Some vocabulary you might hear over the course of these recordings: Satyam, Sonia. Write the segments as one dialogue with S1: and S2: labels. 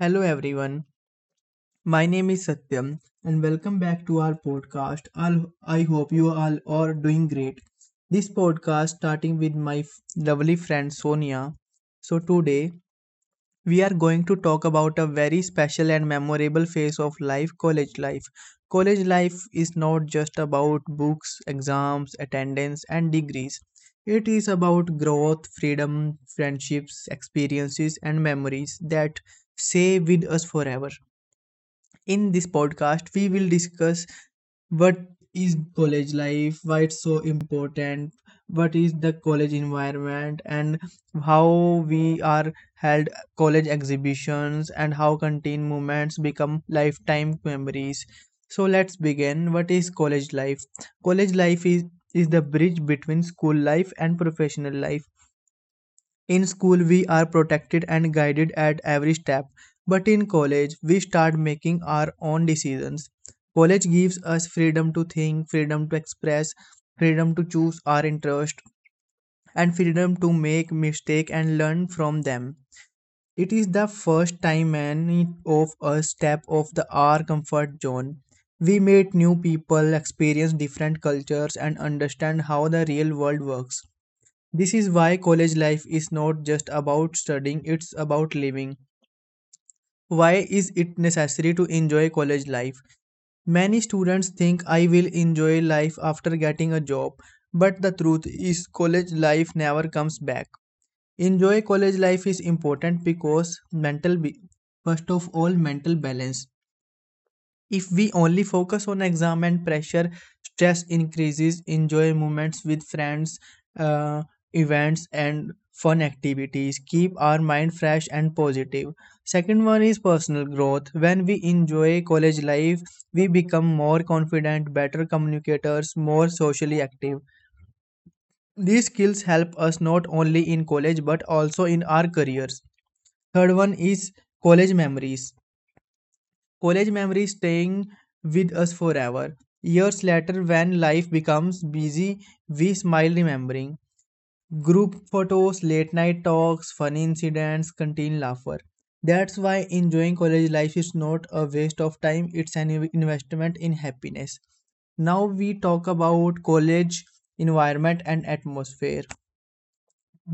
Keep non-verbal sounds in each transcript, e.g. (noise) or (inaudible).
S1: Hello everyone, my name is Satyam and welcome back to our podcast. I hope you all are doing great. This podcast starting with my lovely friend Sonia. So today we are going to talk about a very special and memorable phase of life, college life. College life is not just about books, exams, attendance and degrees. It is about growth, freedom, friendships, experiences and memories that stay with us forever. In this podcast, we will discuss what is college life, why it's so important, what is the college environment, and how we are held college exhibitions, and how canteen moments become lifetime memories. So let's begin. What is college life? College life is the bridge between school life and professional life. In school, we are protected and guided at every step, but in college, we start making our own decisions. College gives us freedom to think, freedom to express, freedom to choose our interest, and freedom to make mistakes and learn from them. It is the first time any of us step off the our comfort zone. We meet new people, experience different cultures, and understand how the real world works. This is why college life is not just about studying, it's about living. Why is it necessary to enjoy college life? Many students think I will enjoy life after getting a job, but the truth is, college life never comes back. Enjoy college life is important because mental, first of all, mental balance. If we only focus on exam and pressure, stress increases, enjoy moments with friends, uh, events, and fun activities. Keep our mind fresh and positive. Second one is personal growth. When we enjoy college life, we become more confident, better communicators, more socially active. These skills help us not only in college but also in our careers. Third one is college memories. College memories staying with us forever. Years later, when life becomes busy, we smile remembering. Group photos, late night talks, funny incidents, continued laughter. That's why enjoying college life is not a waste of time, it's an investment in happiness. Now we talk about college environment and atmosphere.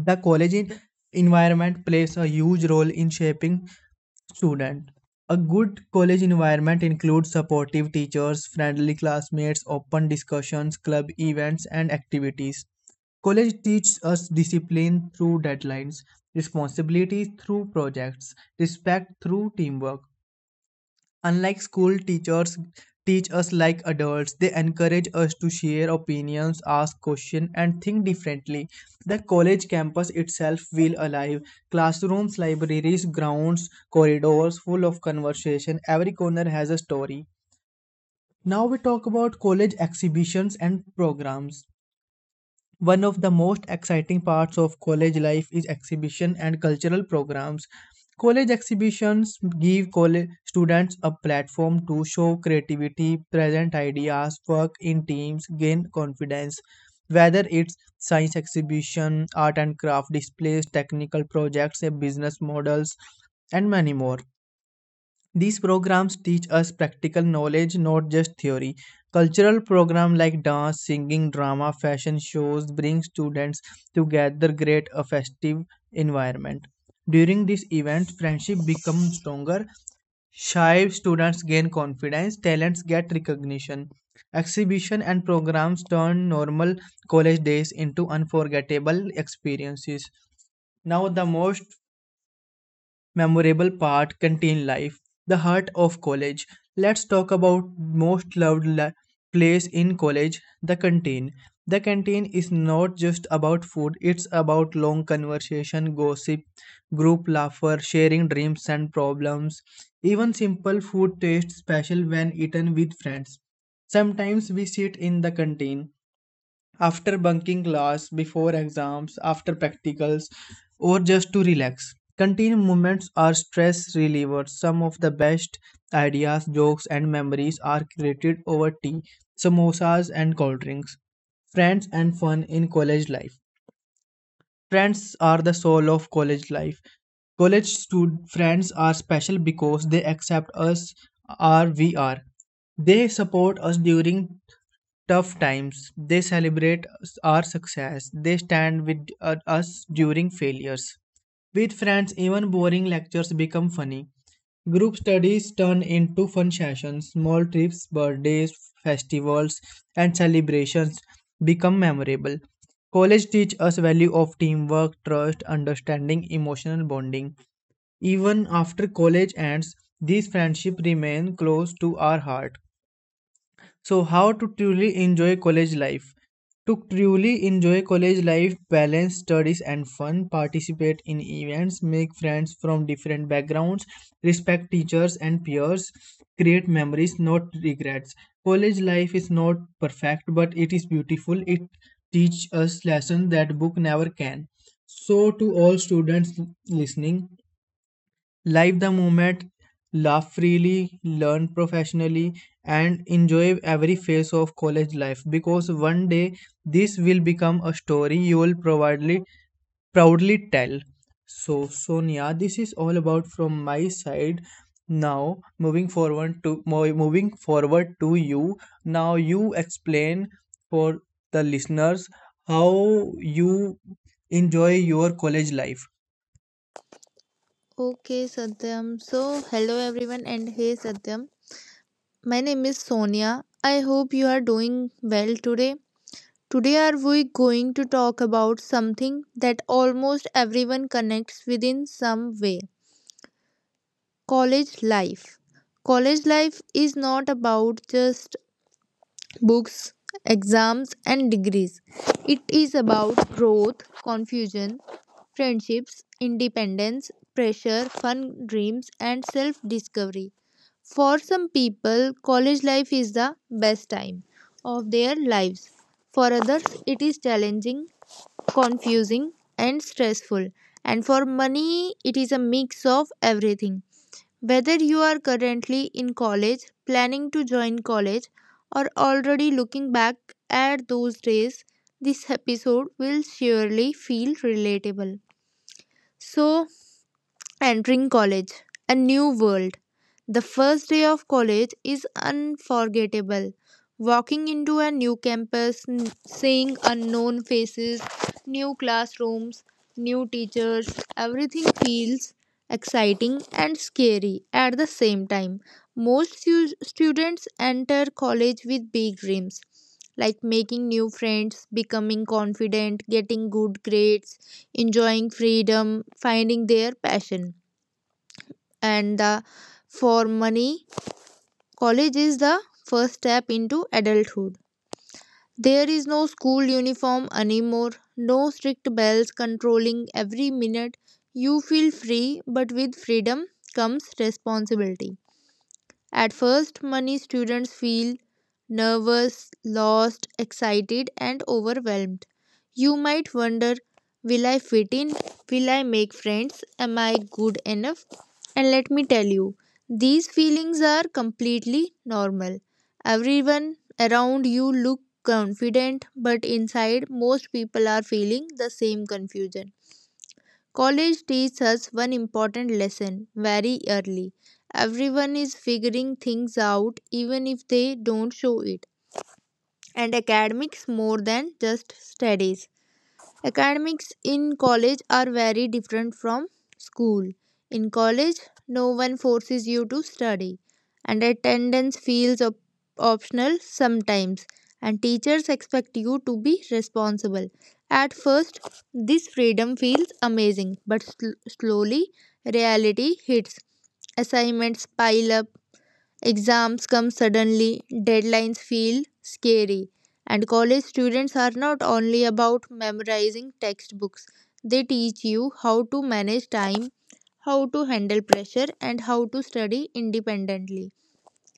S1: The college environment plays a huge role in shaping student. A good college environment includes supportive teachers, friendly classmates, open discussions, club events, and activities. College teaches us discipline through deadlines, responsibility through projects, respect through teamwork. Unlike school teachers teach us like adults, they encourage us to share opinions, ask questions, and think differently. The college campus itself feel alive. Classrooms, libraries, grounds, corridors full of conversation. Every corner has a story. Now we talk about college exhibitions and programs. One of the most exciting parts of college life is exhibition and cultural programs. College exhibitions give college students a platform to show creativity, present ideas, work in teams, gain confidence. Whether it's science exhibition, art and craft displays, technical projects, business models, and many more. These programs teach us practical knowledge, not just theory. Cultural programs like dance, singing, drama, fashion shows bring students together, create a festive environment. During these events, friendship becomes stronger. Shy students gain confidence, talents get recognition. Exhibition and programs turn normal college days into unforgettable experiences. Now, the most memorable part, canteen life, the heart of college. Let's talk about most loved place in college, the canteen. The canteen is not just about food, it's about long conversation, gossip, group laughter, sharing dreams and problems. Even simple food tastes special when eaten with friends. Sometimes we sit in the canteen after bunking class, before exams, after practicals, or just to relax. Canteen moments are stress relievers. Some of the best ideas, jokes, and memories are created over tea, samosas, and cold drinks. Friends and fun in college life. Friends are the soul of college life. College student friends are special because they accept us as we are. They support us during tough times. They celebrate our success. They stand with us during failures. With friends, even boring lectures become funny. Group studies turn into fun sessions. Small trips, birthdays, festivals, and celebrations become memorable. College teach us value of teamwork, trust, understanding, emotional bonding. Even after college ends, these friendships remain close to our heart. So, how to truly enjoy college life? To truly enjoy college life, balance studies and fun, participate in events, make friends from different backgrounds, respect teachers and peers, create memories, not regrets. College life is not perfect, but it is beautiful. It teaches us lessons that book never can. So, to all students listening, live the moment, laugh freely, learn professionally, and enjoy every phase of college life because one day this will become a story you will proudly tell. So, Sonia, this is all about from my side. Now, moving forward to you. Now, you explain for the listeners how you enjoy your college life.
S2: Okay, Satyam. So, hello everyone, and hey Satyam. My name is Sonia. I hope you are doing well today. Today, are we going to talk about something that almost everyone connects with in some way, college life. College life is not about just books, exams, and degrees, it is about growth, confusion, friendships, independence, pressure, fun, dreams, and self discovery. For some people, college life is the best time of their lives. For others, it is challenging, confusing, and stressful. And for many, it is a mix of everything. Whether you are currently in college, planning to join college, or already looking back at those days, this episode will surely feel relatable. So, entering college, a new world. The first day of college is unforgettable. Walking into a new campus, seeing unknown faces, new classrooms, new teachers, everything feels exciting and scary at the same time. Most students enter college with big dreams like making new friends, becoming confident, getting good grades, enjoying freedom, finding their passion, and the for money college is the first step into adulthood. There is no school uniform anymore, no strict bells controlling every minute. You feel free, but with freedom comes responsibility. At first, many students feel nervous, lost, excited, and overwhelmed. You might wonder, will I fit in? Will I make friends? Am I good enough? And let me tell you, these feelings are completely normal. Everyone around you look confident, but inside, most people are feeling the same confusion. College teaches us one important lesson very early. Everyone is figuring things out, even if they don't show it. And academics, more than just studies. Academics in college are very different from school. In college, no one forces you to study, and attendance feels optional sometimes, and teachers expect you to be responsible. At first, this freedom feels amazing, but slowly reality hits. Assignments pile up, exams come suddenly, deadlines feel scary, and college students are not only about memorizing textbooks. They teach you how to manage time, how to handle pressure, and how to study independently.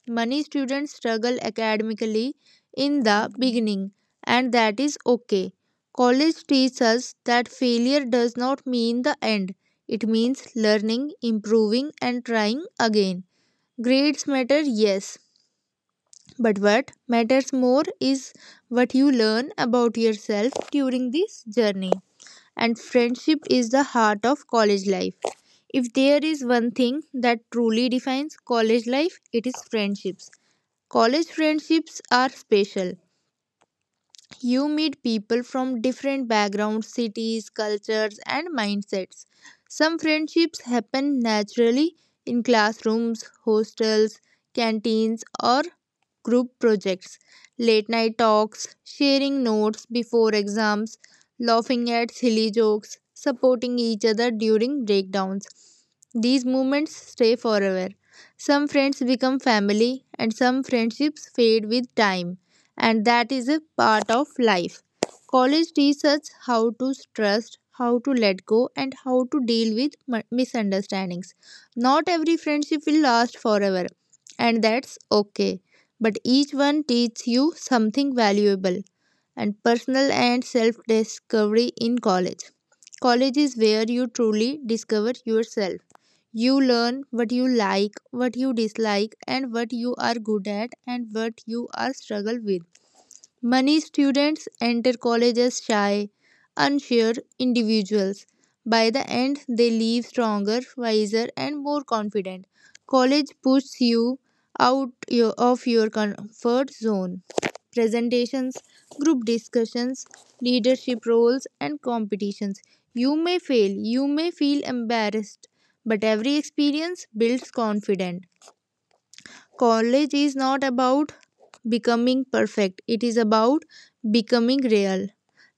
S2: Many students struggle academically in the beginning, and that is okay. College teaches us that failure does not mean the end, it means learning, improving, and trying again. Grades matter, yes, but what matters more is what you learn about yourself during this journey. And friendship is the heart of college life. If there is one thing that truly defines college life, it is friendships. College friendships are special. You meet people from different backgrounds, cities, cultures, and mindsets. Some friendships happen naturally in classrooms, hostels, canteens, or group projects. Late night talks, sharing notes before exams, laughing at silly jokes, supporting each other during breakdowns. These moments stay forever. Some friends become family, and some friendships fade with time, and that is a part of life. College teaches us how to trust, how to let go, and how to deal with misunderstandings. Not every friendship will last forever, and that's okay. But each one teaches you something valuable and personal, and self discovery in college. College is where you truly discover yourself. You learn what you like, what you dislike, and what you are good at, and what you are struggle with. Many students enter college as shy, unsure individuals. By the end, they leave stronger, wiser, and more confident. College pushes you out of your comfort zone. Presentations, group discussions, leadership roles, and competitions. You may fail, you may feel embarrassed, but every experience builds confidence. College is not about becoming perfect, it is about becoming real.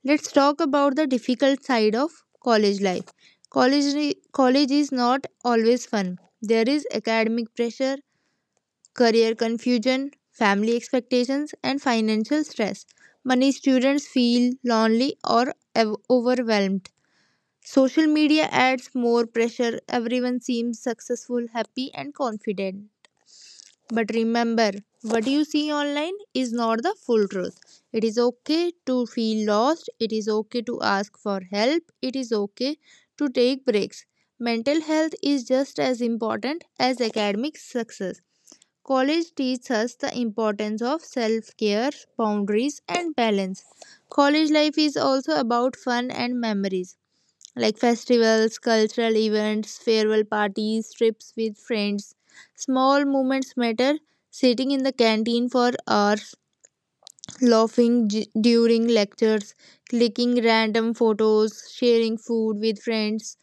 S2: Let's talk about the difficult side of college life. College, college is not always fun. There is academic pressure, career confusion, family expectations, and financial stress. Many students feel lonely or overwhelmed. Social media adds more pressure. Everyone seems successful, happy, and confident. But remember, what you see online is not the full truth. It is okay to feel lost. It is okay to ask for help. It is okay to take breaks. Mental health is just as important as academic success. College teaches us the importance of self care, boundaries, and balance. College life is also about fun and memories like festivals, cultural events, farewell parties, trips with friends. Small moments matter. Sitting in the canteen for hours, laughing during lectures, clicking random photos, sharing food with friends.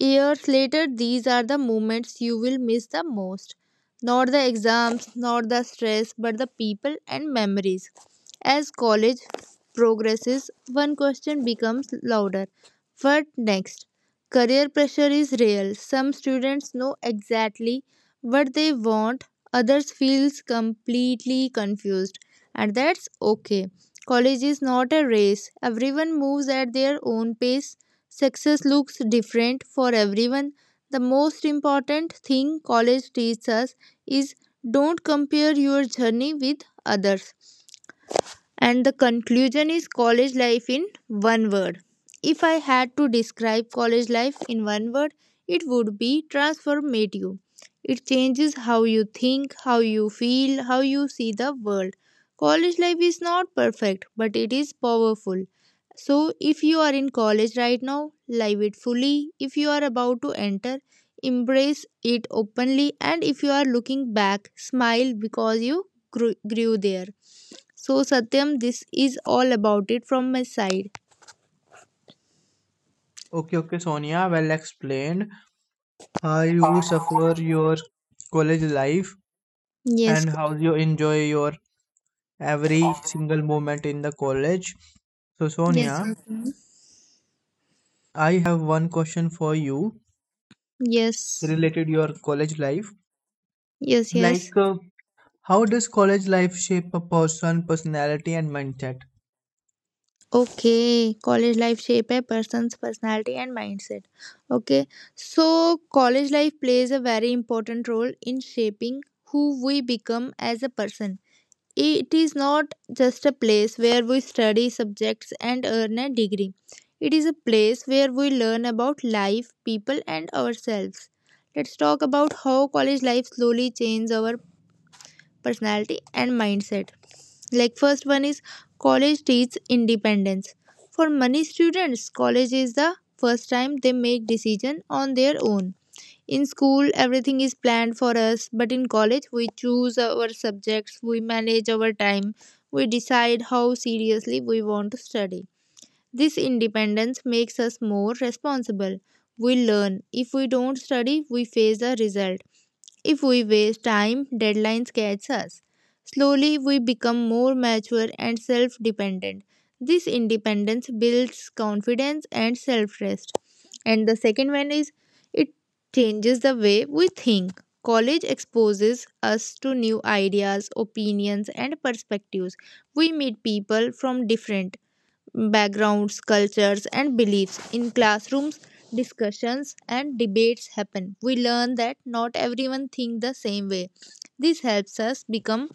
S2: Years later, these are the moments you will miss the most. Not the exams, not the stress, but the people and memories. As college progresses, one question becomes louder. What next? Career pressure is real. Some students know exactly what they want, others feels completely confused. And that's okay. College is not a race. Everyone moves at their own pace. Success looks different for everyone. The most important thing college teaches us is don't compare your journey with others. And the conclusion is college life in one word. If I had to describe college life in one word, it would be transformative. It changes how you think, how you feel, how you see the world. College life is not perfect, but it is powerful. So, if you are in college right now, live it fully. If you are about to enter, embrace it openly. And if you are looking back, smile because you grew there. So, Satyam, this is all about it from my side.
S1: Okay, okay, Sonia, well explained. How you suffer your college life
S2: Yes,
S1: and how you enjoy your every single moment in the college. So
S2: yes,
S1: Sonia,
S2: Satyam.
S1: I have one question for you
S2: Yes,
S1: related your college life.
S2: yes, yes.
S1: Like, how does college life shape a person personality and mindset?
S2: Okay, college life shape a person's personality and mindset. Okay, so college life plays a very important role in shaping who we become as a person. It is not just a place where we study subjects and earn a degree. It is a place where we learn about life, people, and ourselves. Let's talk about how college life slowly changes our personality and mindset. Like, first one is college teaches independence. For many students, college is the first time they make decision on their own. In school, everything is planned for us, but in college, we choose our subjects, we manage our time, we decide how seriously we want to study. This independence makes us more responsible. We learn. If we don't study, we face the result. If we waste time, deadlines catch us. Slowly, we become more mature and self dependent. This independence builds confidence and self trust. And the second one is it changes the way we think. College exposes us to new ideas, opinions, and perspectives. We meet people from different backgrounds, cultures, and beliefs. In classrooms, discussions and debates happen. We learn that not everyone thinks the same way. This helps us become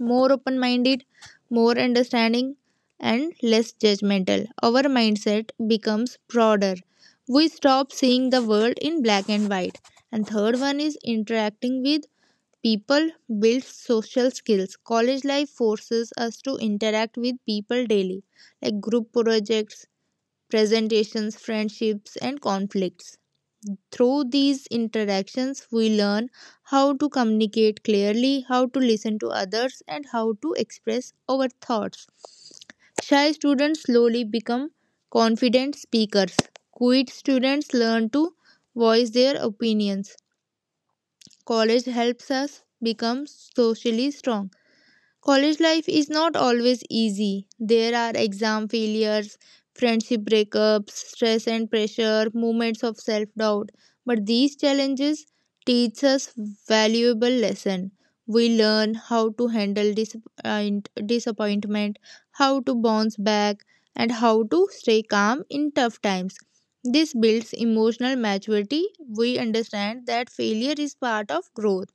S2: more open minded, more understanding, and less judgmental. Our mindset becomes broader. We stop seeing the world in black and white. And third one is interacting with people build social skills. College life forces us to interact with people daily, like group projects, presentations, friendships, and conflicts. Through these interactions, we learn how to communicate clearly, how to listen to others, and how to express our thoughts. Shy students slowly become confident speakers. Quiet students learn to voice their opinions. College helps us become socially strong. College life is not always easy. There are exam failures, friendship breakups, stress and pressure, moments of self doubt. But these challenges teach us valuable lesson. We learn how to handle disappointment, how to bounce back, and how to stay calm in tough times. This builds emotional maturity. We understand that failure is part of growth.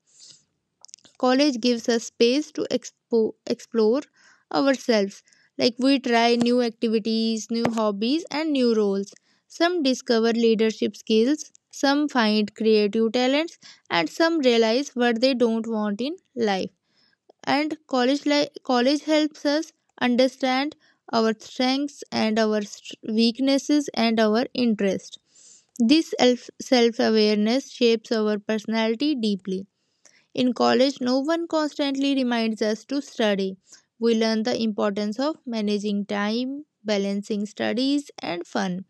S2: College gives us space to explore ourselves. Like we try new activities, new hobbies, and new roles. Some discover leadership skills, some find creative talents, and some realize what they don't want in life. And college, college helps us understand our strengths and our weaknesses and our interests. This self awareness shapes our personality deeply. In college, no one constantly reminds us to study. We learn the importance of managing time, balancing studies and fun,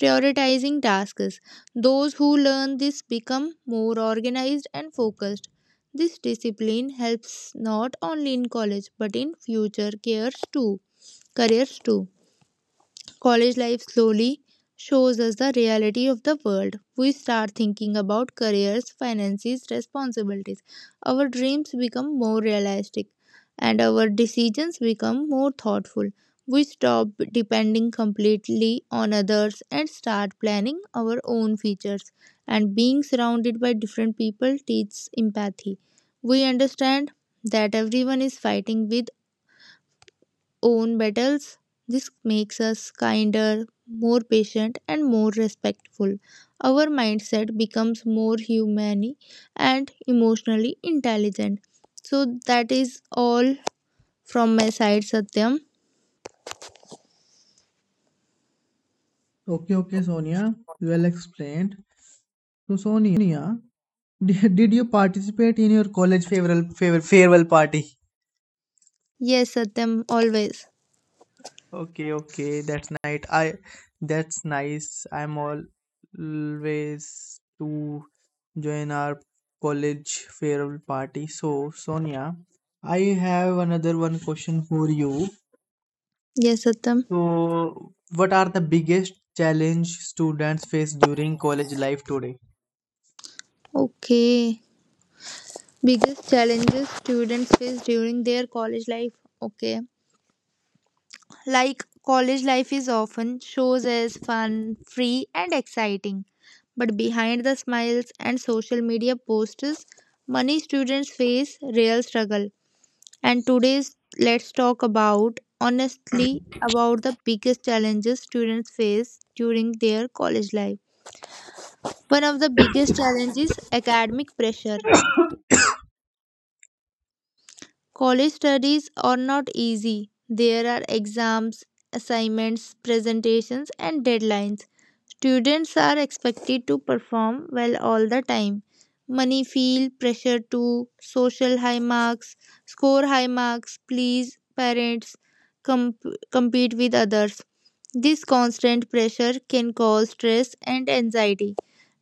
S2: prioritizing tasks. Those who learn this become more organized and focused. This discipline helps not only in college but in future careers too. College life slowly shows us the reality of the world. We start thinking about careers, finances, responsibilities. Our dreams become more realistic and our decisions become more thoughtful. We stop depending completely on others and start planning our own futures. And being surrounded by different people teaches empathy. We understand that everyone is fighting with own battles. This makes us kinder, more patient, and more respectful. Our mindset becomes more humane and emotionally intelligent. So, that is all from my side, Satyam.
S1: Okay, okay, Sonia, well explained. So Sonia, (laughs) did you participate in your college farewell party?
S2: Yes, Satyam, always.
S1: Okay, okay, that's nice. I That's nice. I'm always to join our college farewell party. So, Sonia, I have another one question for you.
S2: Yes, Satyam.
S1: So, what are the biggest challenge students face during college life today?
S2: Okay. Biggest challenges students face during their college life. Okay. Like college life is often shows as fun, free, and exciting. But behind the smiles and social media posts, many students face real struggle. And today's let's talk about honestly about the biggest challenges students face during their college life. One of the biggest challenges is academic pressure. College studies are not easy. There are exams, assignments, presentations, and deadlines. Students are expected to perform well all the time. Money feel pressure to score high marks, please parents, comp- compete with others. This constant pressure can cause stress and anxiety.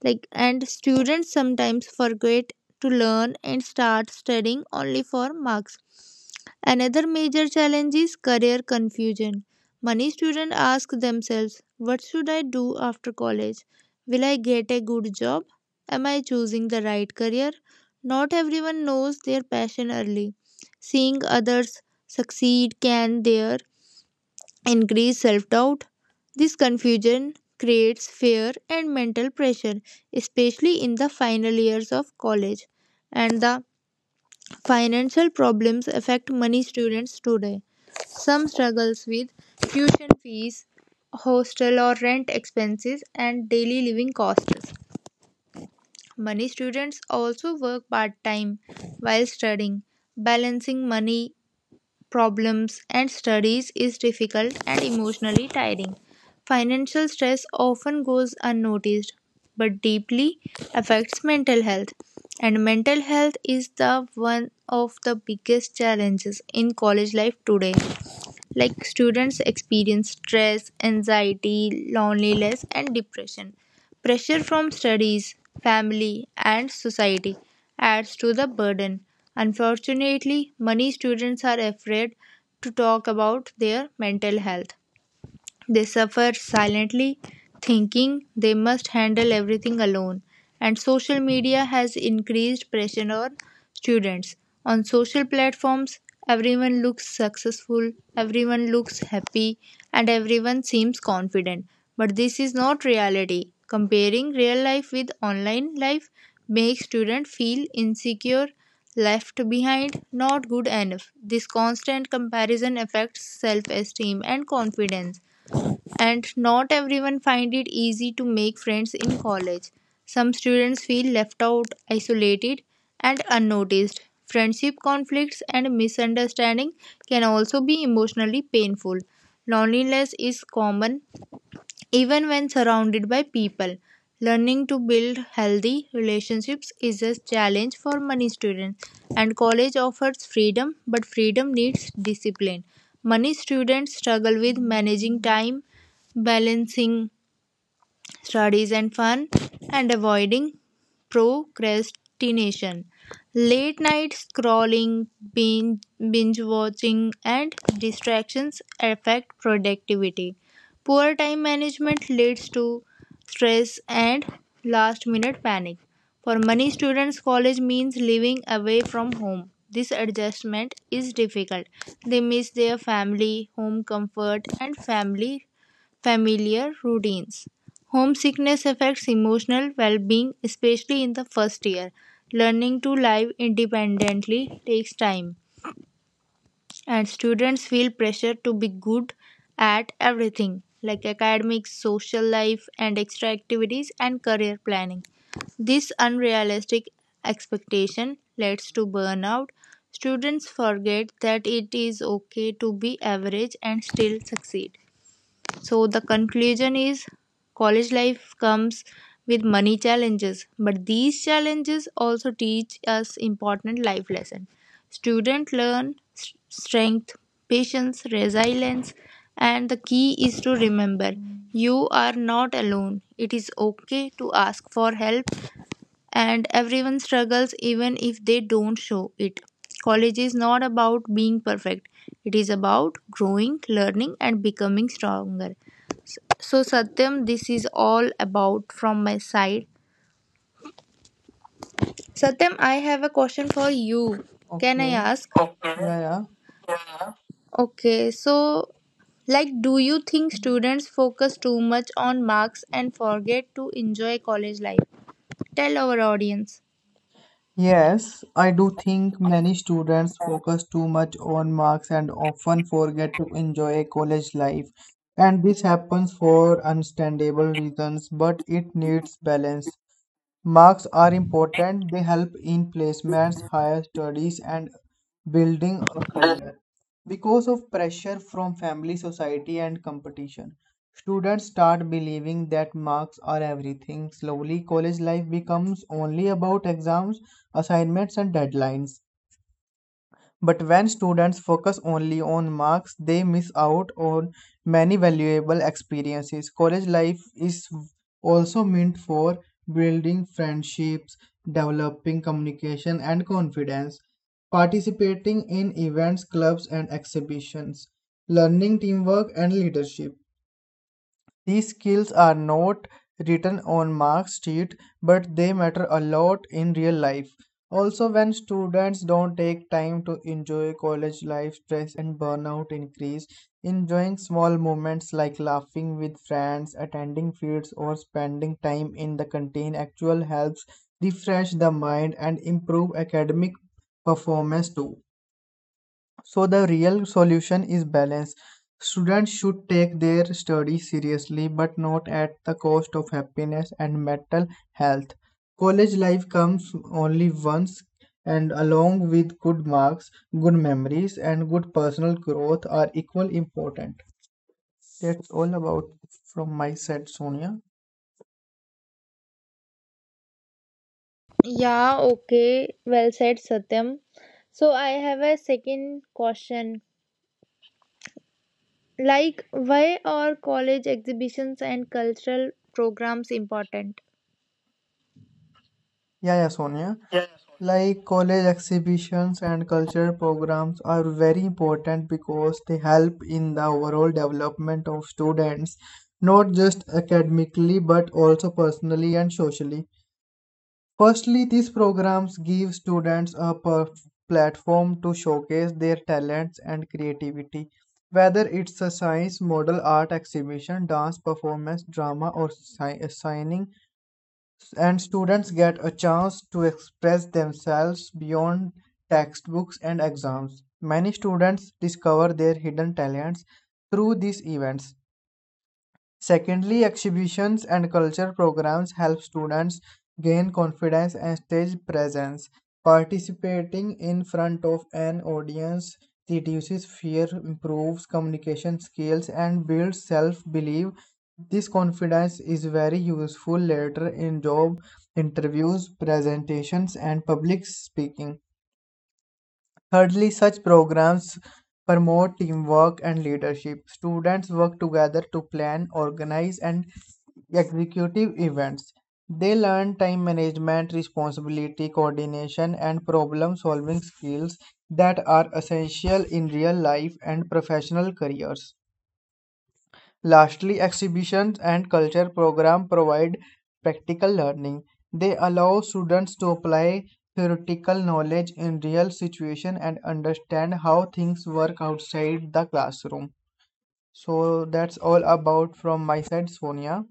S2: Like and students sometimes forget to learn and start studying only for marks. Another major challenge is career confusion. Many students ask themselves, "What should I do after college? Will I get a good job? Am I choosing the right career?" Not everyone knows their passion early. Seeing others succeed can there increase self doubt. This confusion creates fear and mental pressure, especially in the final years of college. And the financial problems affect many students today. Some struggles with tuition fees, hostel or rent expenses, and daily living costs. Many students also work part time while studying. Balancing money problems and studies is difficult and emotionally tiring. Financial stress often goes unnoticed but deeply affects mental health, and mental health is the one of the biggest challenges in college life today. Like students experience stress, anxiety, loneliness, and depression. Pressure from studies, family, and society adds to the burden. Unfortunately, many students are afraid to talk about their mental health. They suffer silently, thinking they must handle everything alone. And social media has increased pressure on students. On social platforms, everyone looks successful, everyone looks happy, and everyone seems confident. But this is not reality. Comparing real life with online life makes students feel insecure, left behind, not good enough. This constant comparison affects self esteem and confidence. And not everyone find it easy to make friends in college. Some students feel left out, isolated, and unnoticed. Friendship conflicts and misunderstanding can also be emotionally painful. Loneliness is common, even when surrounded by people. Learning to build healthy relationships is a challenge for many students, and college offers freedom, but freedom needs discipline. Many students struggle with managing time, balancing studies and fun, and avoiding procrastination. Late night scrolling, binge, binge watching, and distractions affect productivity. Poor time management leads to stress and last minute panic. For many students, college means living away from home. This adjustment is difficult. They miss their family, home comfort, and family familiar routines. Homesickness affects emotional well being, especially in the first year. Learning to live independently takes time, and students feel pressure to be good at everything like academics, social life, and extra activities and career planning. This unrealistic expectation leads to burnout. Students forget that it is okay to be average and still succeed. So, the conclusion is college life comes with many challenges, but these challenges also teach us important life lessons. Students learn strength, patience, resilience, and the key is to remember you are not alone. It is okay to ask for help, and everyone struggles even if they don't show it. College is not about being perfect, it is about growing, learning, and becoming stronger. So, Satyam, this is all about from my side. Satyam, I have a question for you. Can I
S1: Okay,
S2: ask?
S1: yeah, yeah.
S2: Okay, so like, do you think students focus too much on marks and forget to enjoy college life? Tell our audience.
S1: Yes, I do think many students focus too much on marks and often forget to enjoy college life. And this happens for understandable reasons, but it needs balance. Marks are important, they help in placements, higher studies, and building a career. Because of pressure from family, society, and competition. Students start believing that marks are everything. Slowly, college life becomes only about exams, assignments, and deadlines. But when students focus only on marks, they miss out on many valuable experiences. College life is also meant for building friendships, developing communication, and confidence, participating in events, clubs, and exhibitions, learning teamwork and leadership. These skills are not written on mark sheet but they matter a lot in real life. Also when students don't take time to enjoy college life stress and burnout increase. Enjoying small moments like laughing with friends, attending fields or spending time in the canteen actual helps refresh the mind and improve academic performance too. So the real solution is balance. Students should take their study seriously, but not at the cost of happiness and mental health. College life comes only once, and along with good marks, good memories, and good personal growth are equal important. That's all about from my side, Sonia.
S2: Yeah, okay. Well said, Satyam. So I have a second question. Like, why are college exhibitions and cultural programs important?
S1: Yeah, yeah, Sonia. Like college exhibitions and cultural programs are very important because they help in the overall development of students, not just academically but also personally and socially. Firstly, these programs give students a platform to showcase their talents and creativity, whether it's a science, model art exhibition, dance performance, drama, or signing and students get a chance to express themselves beyond textbooks and exams. Many students discover their hidden talents through these events. Secondly, exhibitions and culture programs help students gain confidence and stage presence. Participating in front of an audience reduces fear, improves communication skills, and builds self belief. This confidence is very useful later in job interviews, presentations, and public speaking. Thirdly, such programs promote teamwork and leadership. Students work together to plan, organize, and execute events. They learn time management, responsibility, coordination, and problem solving skills that are essential in real life and professional careers. Lastly, exhibitions and culture programs provide practical learning. They allow students to apply theoretical knowledge in real situations and understand how things work outside the classroom. So that's all about from my side, Sonia.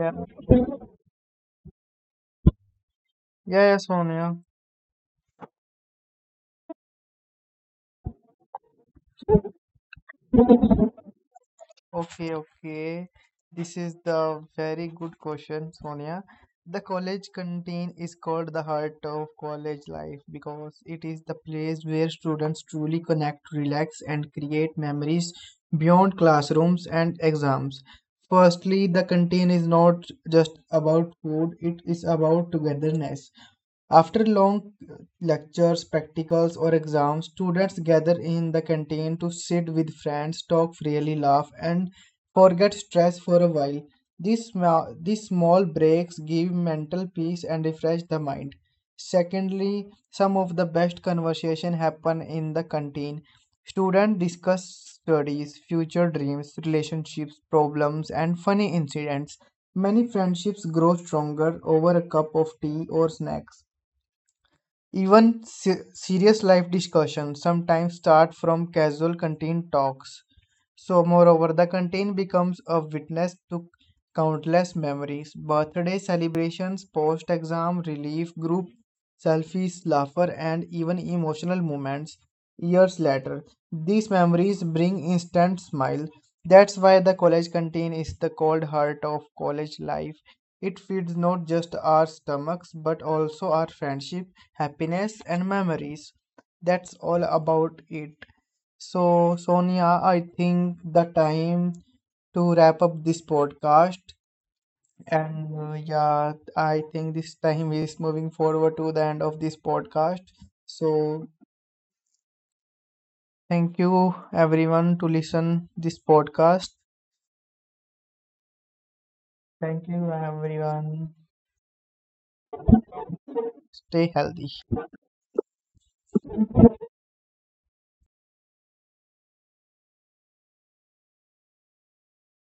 S1: Yeah, yeah, yeah, Sonia. Okay, okay. This is the very good question, Sonia. The college canteen is called the heart of college life because it is the place where students truly connect, relax, and create memories beyond classrooms and exams. Firstly, the canteen is not just about food, it is about togetherness. After long lectures, practicals, or exams, students gather in the canteen to sit with friends, talk freely, laugh, and forget stress for a while. These small breaks give mental peace and refresh the mind. Secondly, some of the best conversation happen in the canteen. Students discuss studies, future dreams, relationships, problems, and funny incidents. Many friendships grow stronger over a cup of tea or snacks. Even serious life discussions sometimes start from casual canteen talks. So, moreover, the content becomes a witness to countless memories, birthday celebrations, post exam relief, group selfies, laughter, and even emotional moments years later. These memories bring instant smile. That's why the college canteen is the cold heart of college life. It feeds not just our stomachs but also our friendship, happiness, and memories. That's all about it. So, Sonia, I think the time to wrap up this podcast. And yeah, I think this time is moving forward to the end of this podcast. So, thank you everyone to listen this podcast. Thank you everyone. Stay healthy.